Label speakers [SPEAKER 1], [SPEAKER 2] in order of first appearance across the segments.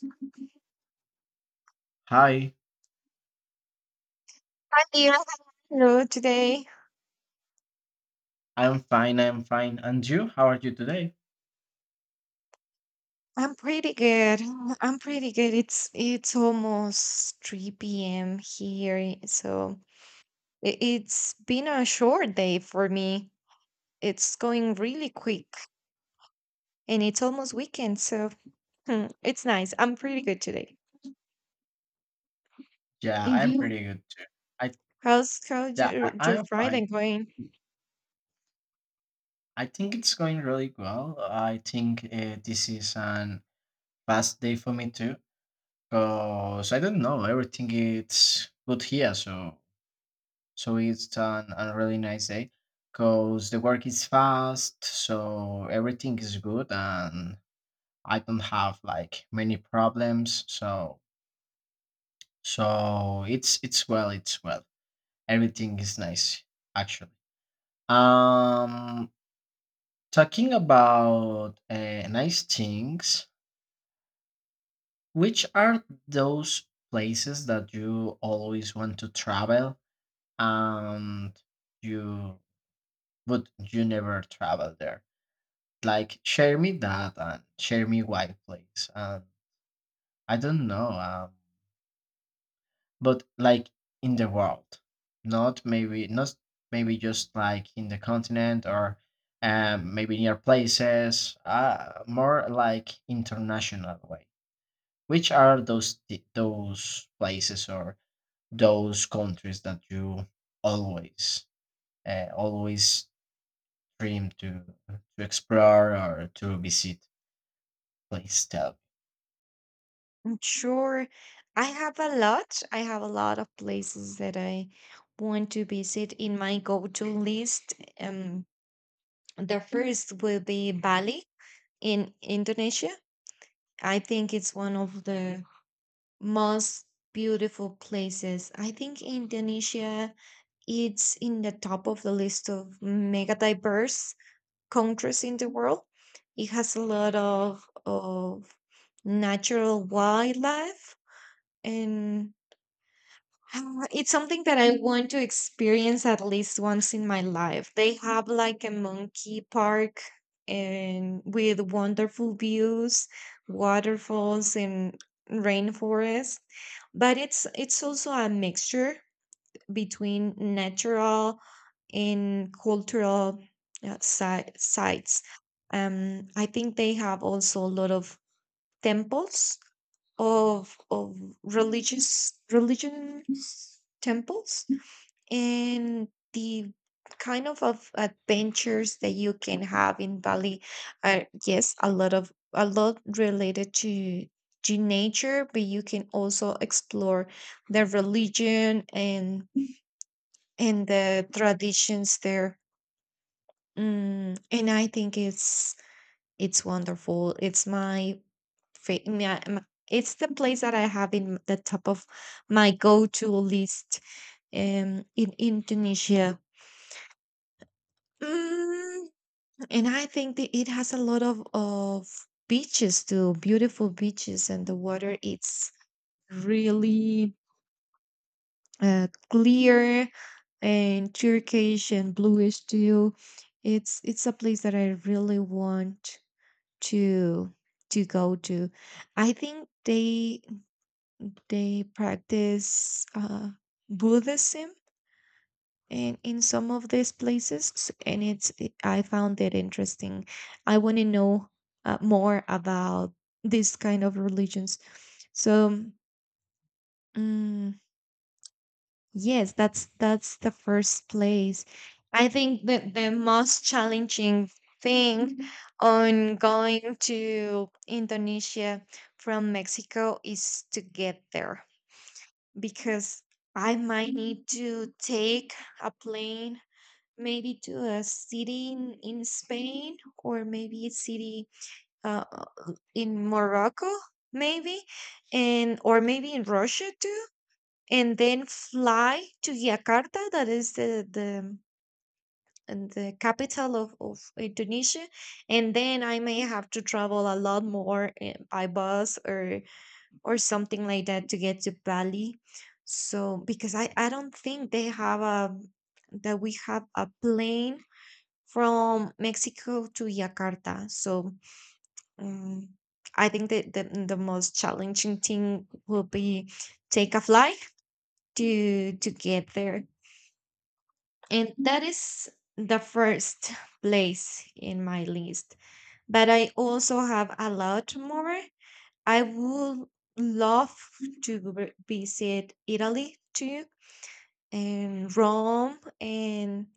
[SPEAKER 1] Hi
[SPEAKER 2] Hi,
[SPEAKER 1] dear, hello today.
[SPEAKER 2] I'm fine. I'm fine. And you? How are you today?
[SPEAKER 1] I'm pretty good. I'm pretty good. It's almost 3 p.m. here, so it's been a short day for me. It's going really quick, and it's almost weekend, so it's nice. I'm pretty good today.
[SPEAKER 2] Yeah,
[SPEAKER 1] And
[SPEAKER 2] I'm
[SPEAKER 1] you?
[SPEAKER 2] pretty good too. I
[SPEAKER 1] How's
[SPEAKER 2] yeah, I,
[SPEAKER 1] your
[SPEAKER 2] I'm fine.
[SPEAKER 1] Friday going?
[SPEAKER 2] I think it's going really well. I think this is an fast day for me too. Cause I don't know, everything it's good here. So so it's a really nice day. Cause the work is fast, so everything is good, and I don't have like many problems. So so it's well, it's well. Everything is nice, actually. Um, Talking about nice things, which are those places that you always want to travel and you but you never travel there? Like, share me that and share me why, please. I don't know. But like in the world not maybe not maybe just like in the continent or maybe near places more like international way which are those those places or those countries that you always always dream to explore or to visit please tell me.
[SPEAKER 1] I'm sure I have a lot. I have a lot of places that I want to visit in my go-to list. Um, The first will be Bali in Indonesia. I think it's one of the most beautiful places. I think Indonesia it's in the top of the list of mega diverse countries in the world. It has a lot of natural wildlife and it's something that I want to experience at least once in my life. They have like a monkey park and with wonderful views, waterfalls and rainforest. But it's also a mixture between natural and cultural sites. I think they have also a lot of temples of religious religion temples, and the kind of adventures that you can have in Bali are, yes, a lot of, a lot related to nature, but you can also explore the religion, and the traditions there. And I think it's wonderful. It's my, fa- my- it's the place that I have in the top of my go-to list, in Indonesia. Mm, and I think that it has a lot of beaches too, beautiful beaches, and the water it's really clear and turquoise and bluish too. It's a place that I really want to to go to. I think they practice Buddhism in some of these places, and I found it interesting. I want to know more about this kind of religions. So. mm, Yes, that's the first place. I think that the most challenging thing on going to Indonesia from Mexico is to get there, because I might need to take a plane, maybe to a city in Spain, or maybe a city, uh, in Morocco maybe, and or maybe in Russia too, and then fly to Jakarta, that is the and the capital of Indonesia, and then I may have to travel a lot more, by bus or something like that to get to Bali. So, because I don't think they have a that we have a plane from Mexico to Jakarta. So um, I think that the most challenging thing will be take a flight to get there, and that is the first place in my list. But I also have a lot more. I would love to visit Italy too, and Rome, and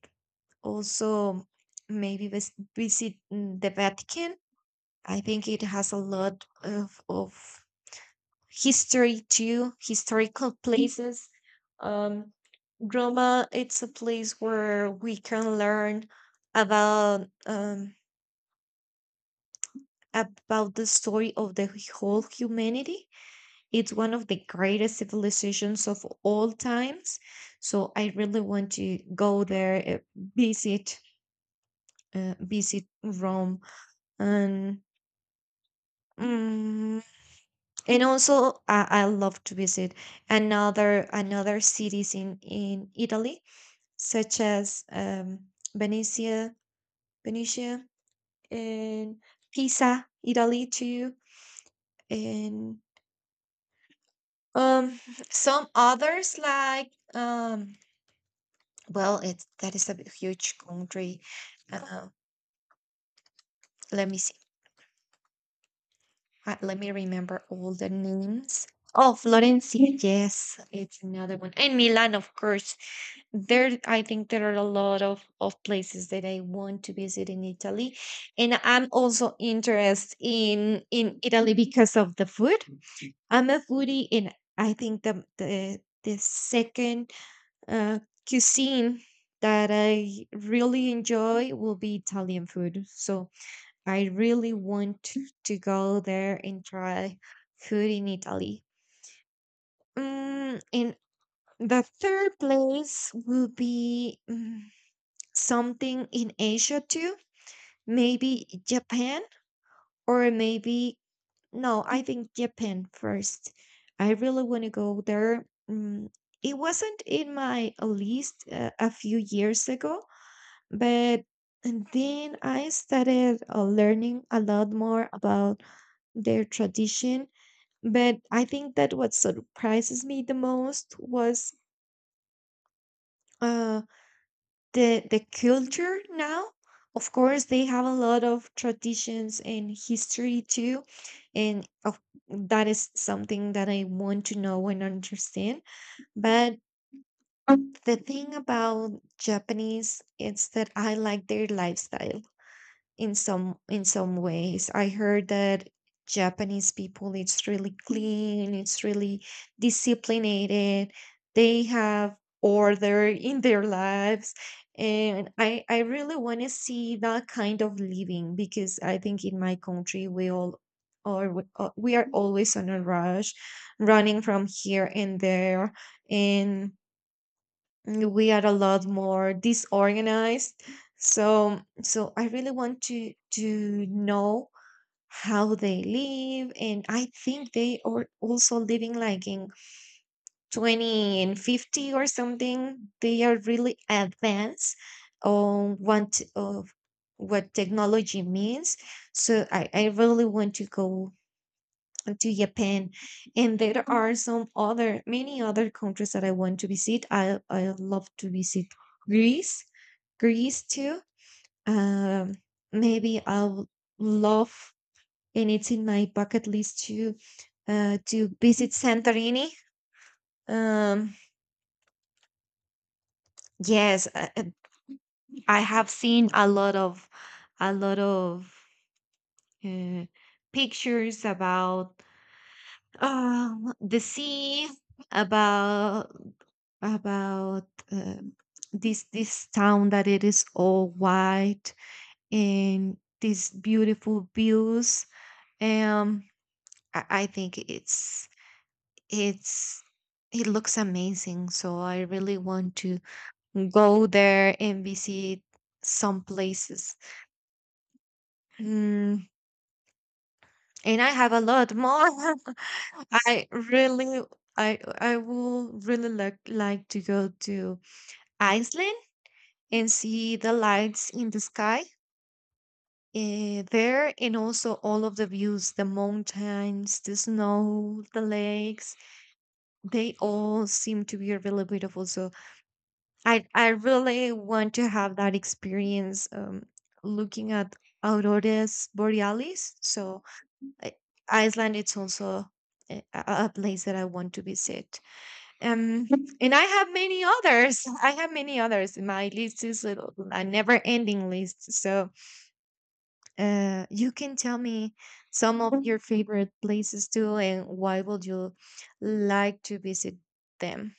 [SPEAKER 1] also maybe visit the Vatican. I think it has a lot of history too, historical places. um Roma, it's a place where we can learn about, about the story of the whole humanity. It's one of the greatest civilizations of all times. So I really want to go there, visit, visit Rome, and mm, and also I love to visit another cities in Italy, such as, Venice, Venetia, and Pisa, Italy too, and um some others like, well it's that is a huge country. Uh, Let me see. Let me remember all the names. Oh, Florence, yes, it's another one, and Milan, of course. There, I think there are a lot of places that I want to visit in Italy, and I'm also interested in Italy because of the food. I'm a foodie, and I think the the second, uh, cuisine that I really enjoy will be Italian food. So I really want to go there and try food in Italy. And the third place will be, something in Asia too, maybe Japan, or maybe no, I think Japan first. I really want to go there. It wasn't in my list a few years ago, but then I started learning a lot more about their tradition. But I think that what surprises me the most was. uh, the the culture now. Of course they have a lot of traditions and history too, and of, that is something that I want to know and understand. But the thing about japanese is that I like their lifestyle in some ways. I heard that Japanese people it's really clean, it's really disciplined. They have order in their lives, and I really want to see that kind of living, because I think in my country we all or we are always on a rush, running from here and there, and we are a lot more disorganized. So so I really want to know how they live, and I think they are also living like in 20 and 50 or something. They are really advanced on what technology means, so I really want to go to Japan. And there are some other, many other countries that I want to visit. I love to visit Greece, Greece too. Um, Maybe I'll love, and it's in my bucket list to visit Santorini. Um, yes, I have seen a lot of uh, pictures about, the sea, about about this town that it is all white, and these beautiful views. Um, I think it's it looks amazing. So I really want to go there and visit some places. Mm, And I have a lot more. I really, I would really like to go to Iceland and see the lights in the sky, there, and also all of the views, the mountains, the snow, the lakes. They all seem to be really beautiful. So I really want to have that experience. Looking at auroras borealis. So I- Iceland it's also, a place that I want to visit. Um and I have many others. I have many others. My list is a never ending list. So you can tell me some of your favorite places too, and why would you like to visit them.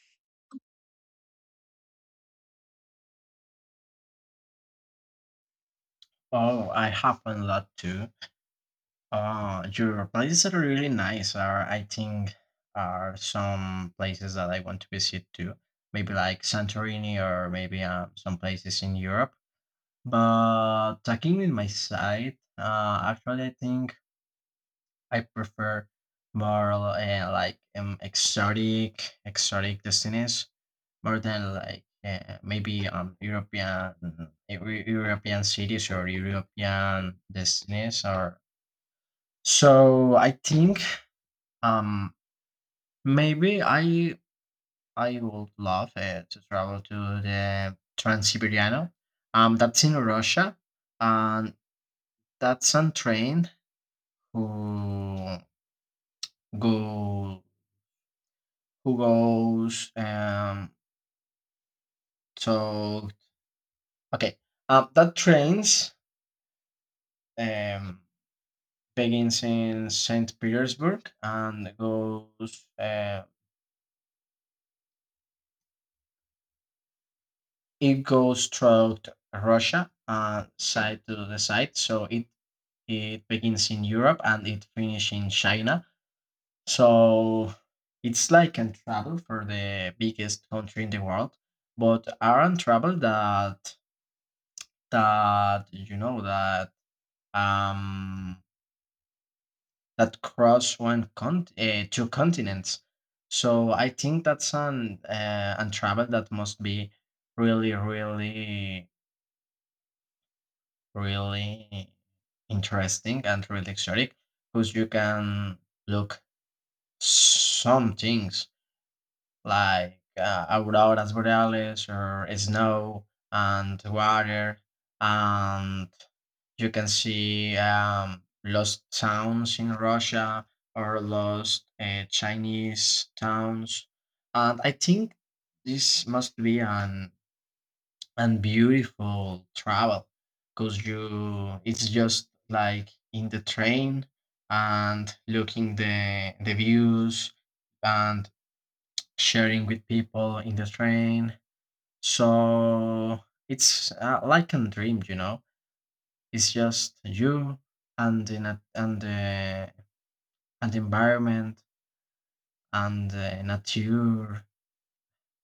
[SPEAKER 2] Oh I happen a lot too. Oh, your places are really nice. Are I think are some places that I want to visit too. Maybe like Santorini or maybe some places in Europe. But talking with my side, actually, I think I prefer more like exotic, exotic destinies more than like maybe European European cities or European destinies or. So I think um, maybe I would love to travel to the Trans-Siberian. That's in Russia, and that's on train who go who goes so okay. That trains um begins in Saint Petersburg and goes it goes throughout Russia side to the side, so It begins in Europe and it finishes in China. So it's like a travel for the biggest country in the world, but aren't travel that you know that um that cross one cont two continents. So I think that's an travel that must be really really interesting and really exotic because you can look some things like auroras boreales or snow and water and you can see lost towns in Russia or lost Chinese towns. And I think this must be an beautiful travel because you it's just like in the train and looking the views and sharing with people in the train. So it's like a dream, you know. It's just you and in a, and the environment and the nature.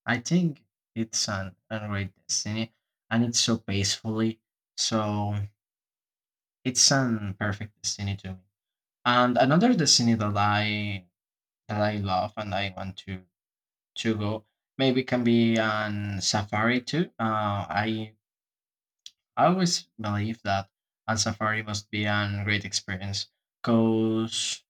[SPEAKER 2] I think it's an a great destiny, and it's so peacefully. So it's an perfect destiny to me. And another destiny that I love and I want to go maybe can be an safari too. I I always believe that a safari must be a great experience because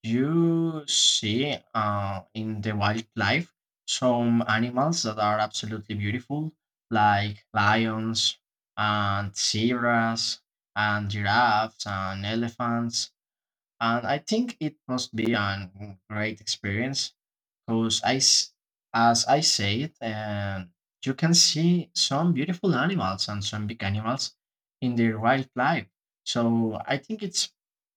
[SPEAKER 2] you see in the wildlife some animals that are absolutely beautiful, like lions and zebras and giraffes and elephants. And I think it must be a great experience because as I said, you can see some beautiful animals and some big animals in their wildlife. So I think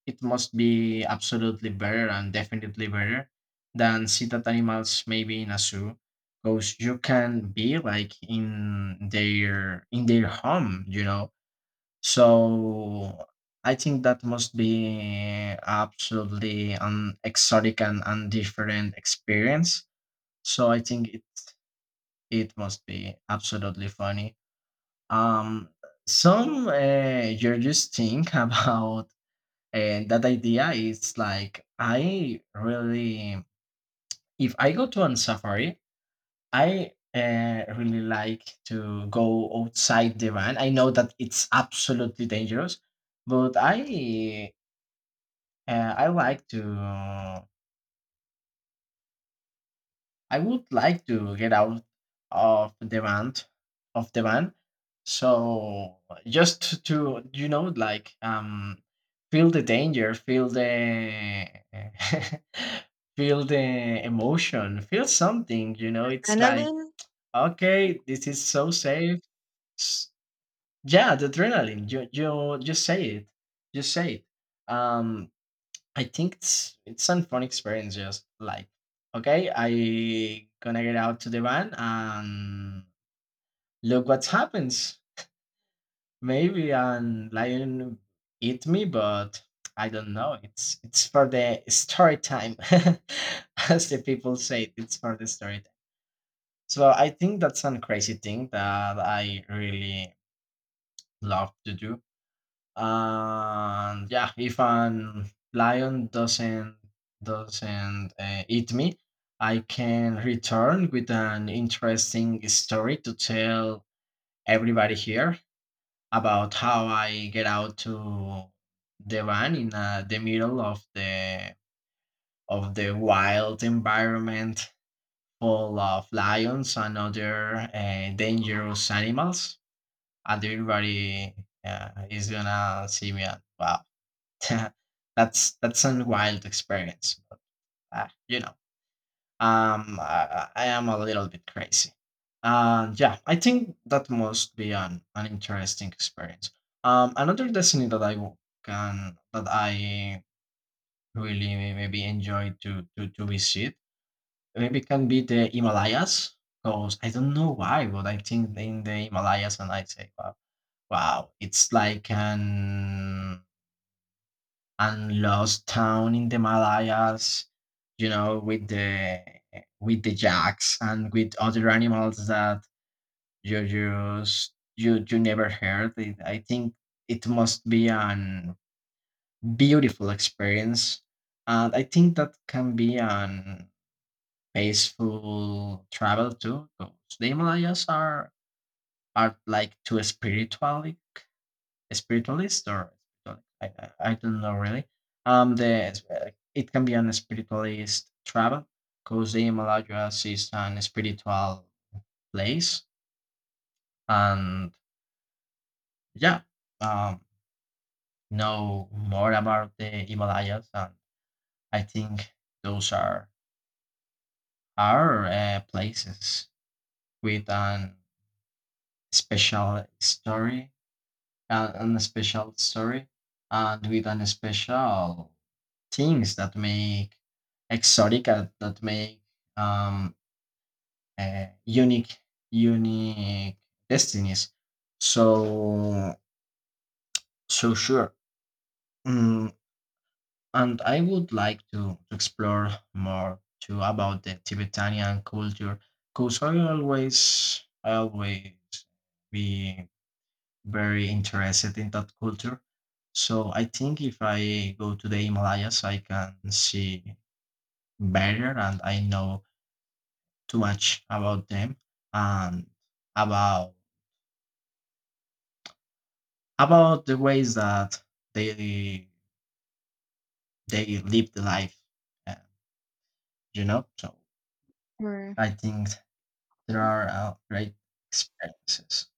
[SPEAKER 2] it must be absolutely better and definitely better than see that animals maybe in a zoo. Because you can be like in their home, you know. So I think that must be absolutely an exotic and different experience, so I think it must be absolutely funny. Um, some judges think about that idea is like I really if I go to on safari, I really like to go outside the van. I know that it's absolutely dangerous, but I like to I would like to get out of demand of demand. So just to you know like feel the danger, feel the feel the emotion, feel something, you know, it's like
[SPEAKER 1] Annalyn,
[SPEAKER 2] okay, this is so safe. S- Yeah, the adrenaline. You just say it. Just say it. Um I think it's an fun experience. Just like, okay, I gonna get out to the van and look what happens. Maybe a lion eat me, but I don't know. It's for the story time, as the people say. It's for the story time. So I think that's a crazy thing that I really love to do. And yeah, if an lion doesn't eat me, I can return with an interesting story to tell everybody here about how I get out to the van in the middle of the wild environment full of lions and other dangerous animals. And everybody is gonna see me and wow. That's a wild experience. But, you know, I am a little bit crazy. And yeah, I think that must be an interesting experience. Another destiny that I w- can that I really maybe enjoy to visit maybe can be the Himalayas because I don't know why, but I think in the Himalayas and I say wow, wow, it's like an and lost town in the Malayas, you know, with the jacks and with other animals that you just you you never heard. It, I think it must be an beautiful experience, and I think that can be an peaceful travel too. 'Cause the Himalayas are like too spiritual spiritualist or I, I don't know really. The It can be an spiritualist travel because the allow is an spiritual place, and yeah, um, know more about the Himalayas. And I think those are places with special story, an special story, and with an special things that make exotic that make um, unique unique destinies so so sure. Mm, and I would like to explore more too about the Tibetanian culture because I always be very interested in that culture. So I think if I go to the Himalayas I can see better and I know too much about them and about about the ways that they they live the life. Uh, you know, so
[SPEAKER 1] or
[SPEAKER 2] I think there are great experiences,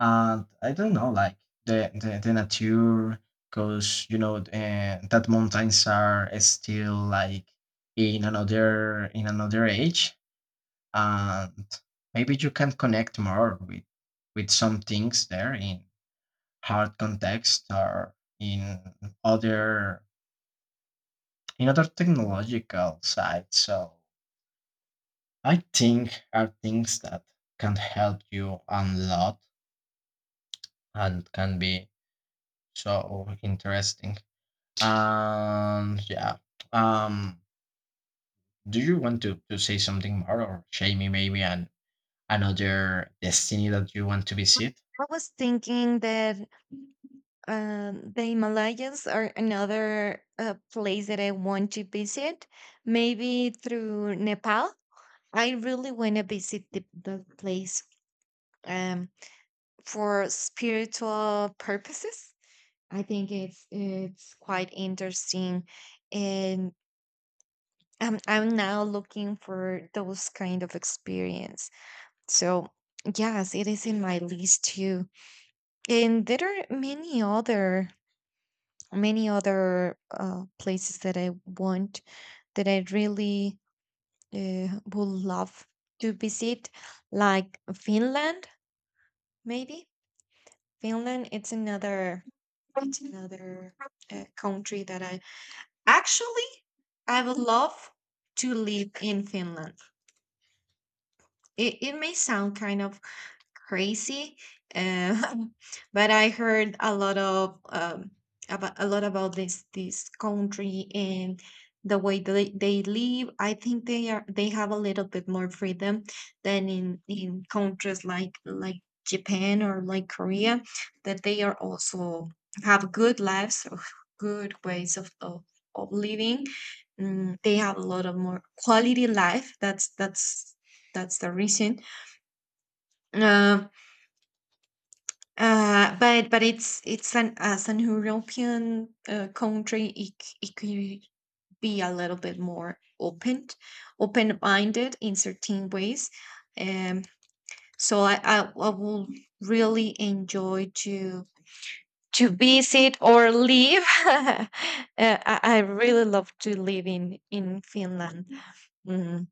[SPEAKER 2] and I don't know, like the nature, because you know that mountains are still like in another age, and maybe you can connect more with some things there in hard context or other in other technological sites. So I think are things that can help you a lot and can be so interesting. And yeah. Um do you want to say something more or share me maybe an another destiny that you want to visit?
[SPEAKER 1] I was thinking that, the Himalayas are another, place that I want to visit, maybe through Nepal. I really want to visit the place, um, for spiritual purposes. I think it's quite interesting, and I'm now looking for those kind of experience. So yes, it is in my list too, and there are many other, places that I want, that I really would love to visit, like Finland, maybe. Finland, it's another country that I, actually I would love to live in Finland. It may sound kind of crazy. Uh, but I heard a lot about this country, and the way they live. I think they have a little bit more freedom than in countries like Japan or like Korea, that they are also have good lives, or good ways of living. They have a lot of more quality life. That's that's the reason. Uh, but it's an, as an European, country, it could be a little bit more open-minded in certain ways. Um, so I will really enjoy to visit or live. I really love to live in Finland. Mm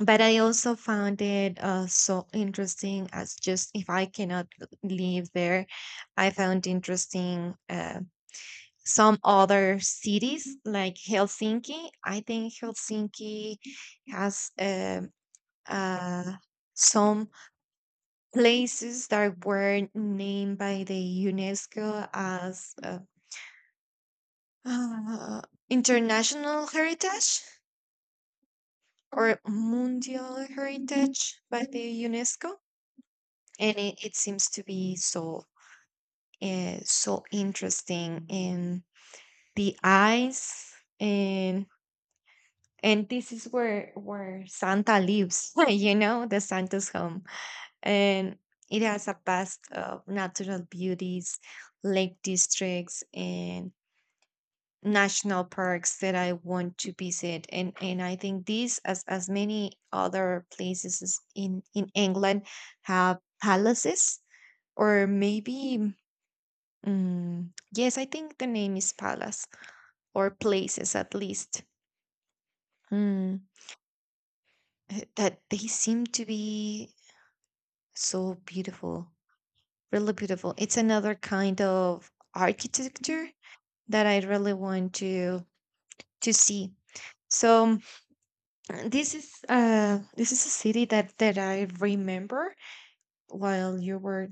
[SPEAKER 1] but I also found it, so interesting, as just if I cannot live there, I found interesting, some other cities like Helsinki. I think Helsinki has uh, some places that were named by the UNESCO as, uh, International Heritage or Mundial Heritage by the UNESCO, and it seems to be so, so interesting in the eyes. And and this is where Santa lives, you know, the Santa's home, and it has a vast of natural beauties, lake districts and national parks that I want to visit. And I think these, as many other places is in England, have palaces, or maybe, yes, I think the name is Palace, or places at least. Mm, that they seem to be so beautiful, really beautiful. It's another kind of architecture that I really want to see. So, this is a city that I remember, while you were,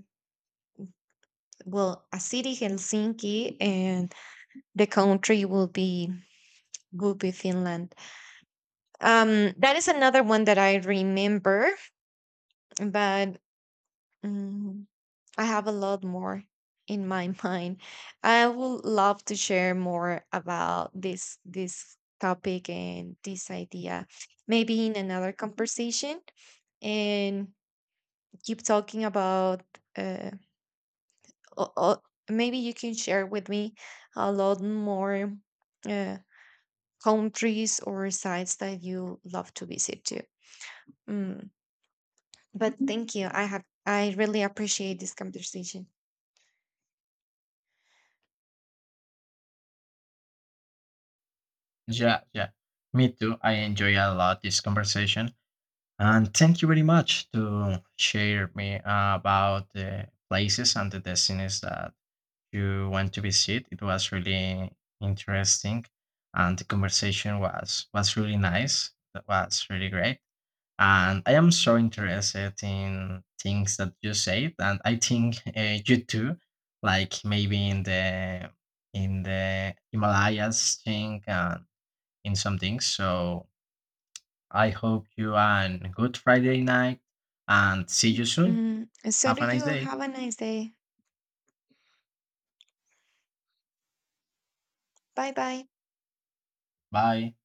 [SPEAKER 1] well, a city Helsinki, and the country will be, will be Finland. That is another one that I remember, but, mm, I have a lot more in my mind. I would love to share more about this topic and this idea, maybe in another conversation, and keep talking about. Uh, o- o- Maybe you can share with me a lot more, uh, countries or sites that you love to visit too. Mm, But thank you. I really appreciate this conversation.
[SPEAKER 2] Yeah, yeah. Me too. I enjoy a lot this conversation. And thank you very much to share me about the places and the destinies that you want to visit. It was really interesting, and the conversation was really nice. That was really great, and I am so interested in things that you said, and I think you too. Like maybe in the Himalayas thing and in some things. So I hope you and good Friday night and see you soon.
[SPEAKER 1] So
[SPEAKER 2] Have
[SPEAKER 1] do
[SPEAKER 2] a nice
[SPEAKER 1] you.
[SPEAKER 2] day.
[SPEAKER 1] Have a nice day. Bye bye.
[SPEAKER 2] Bye.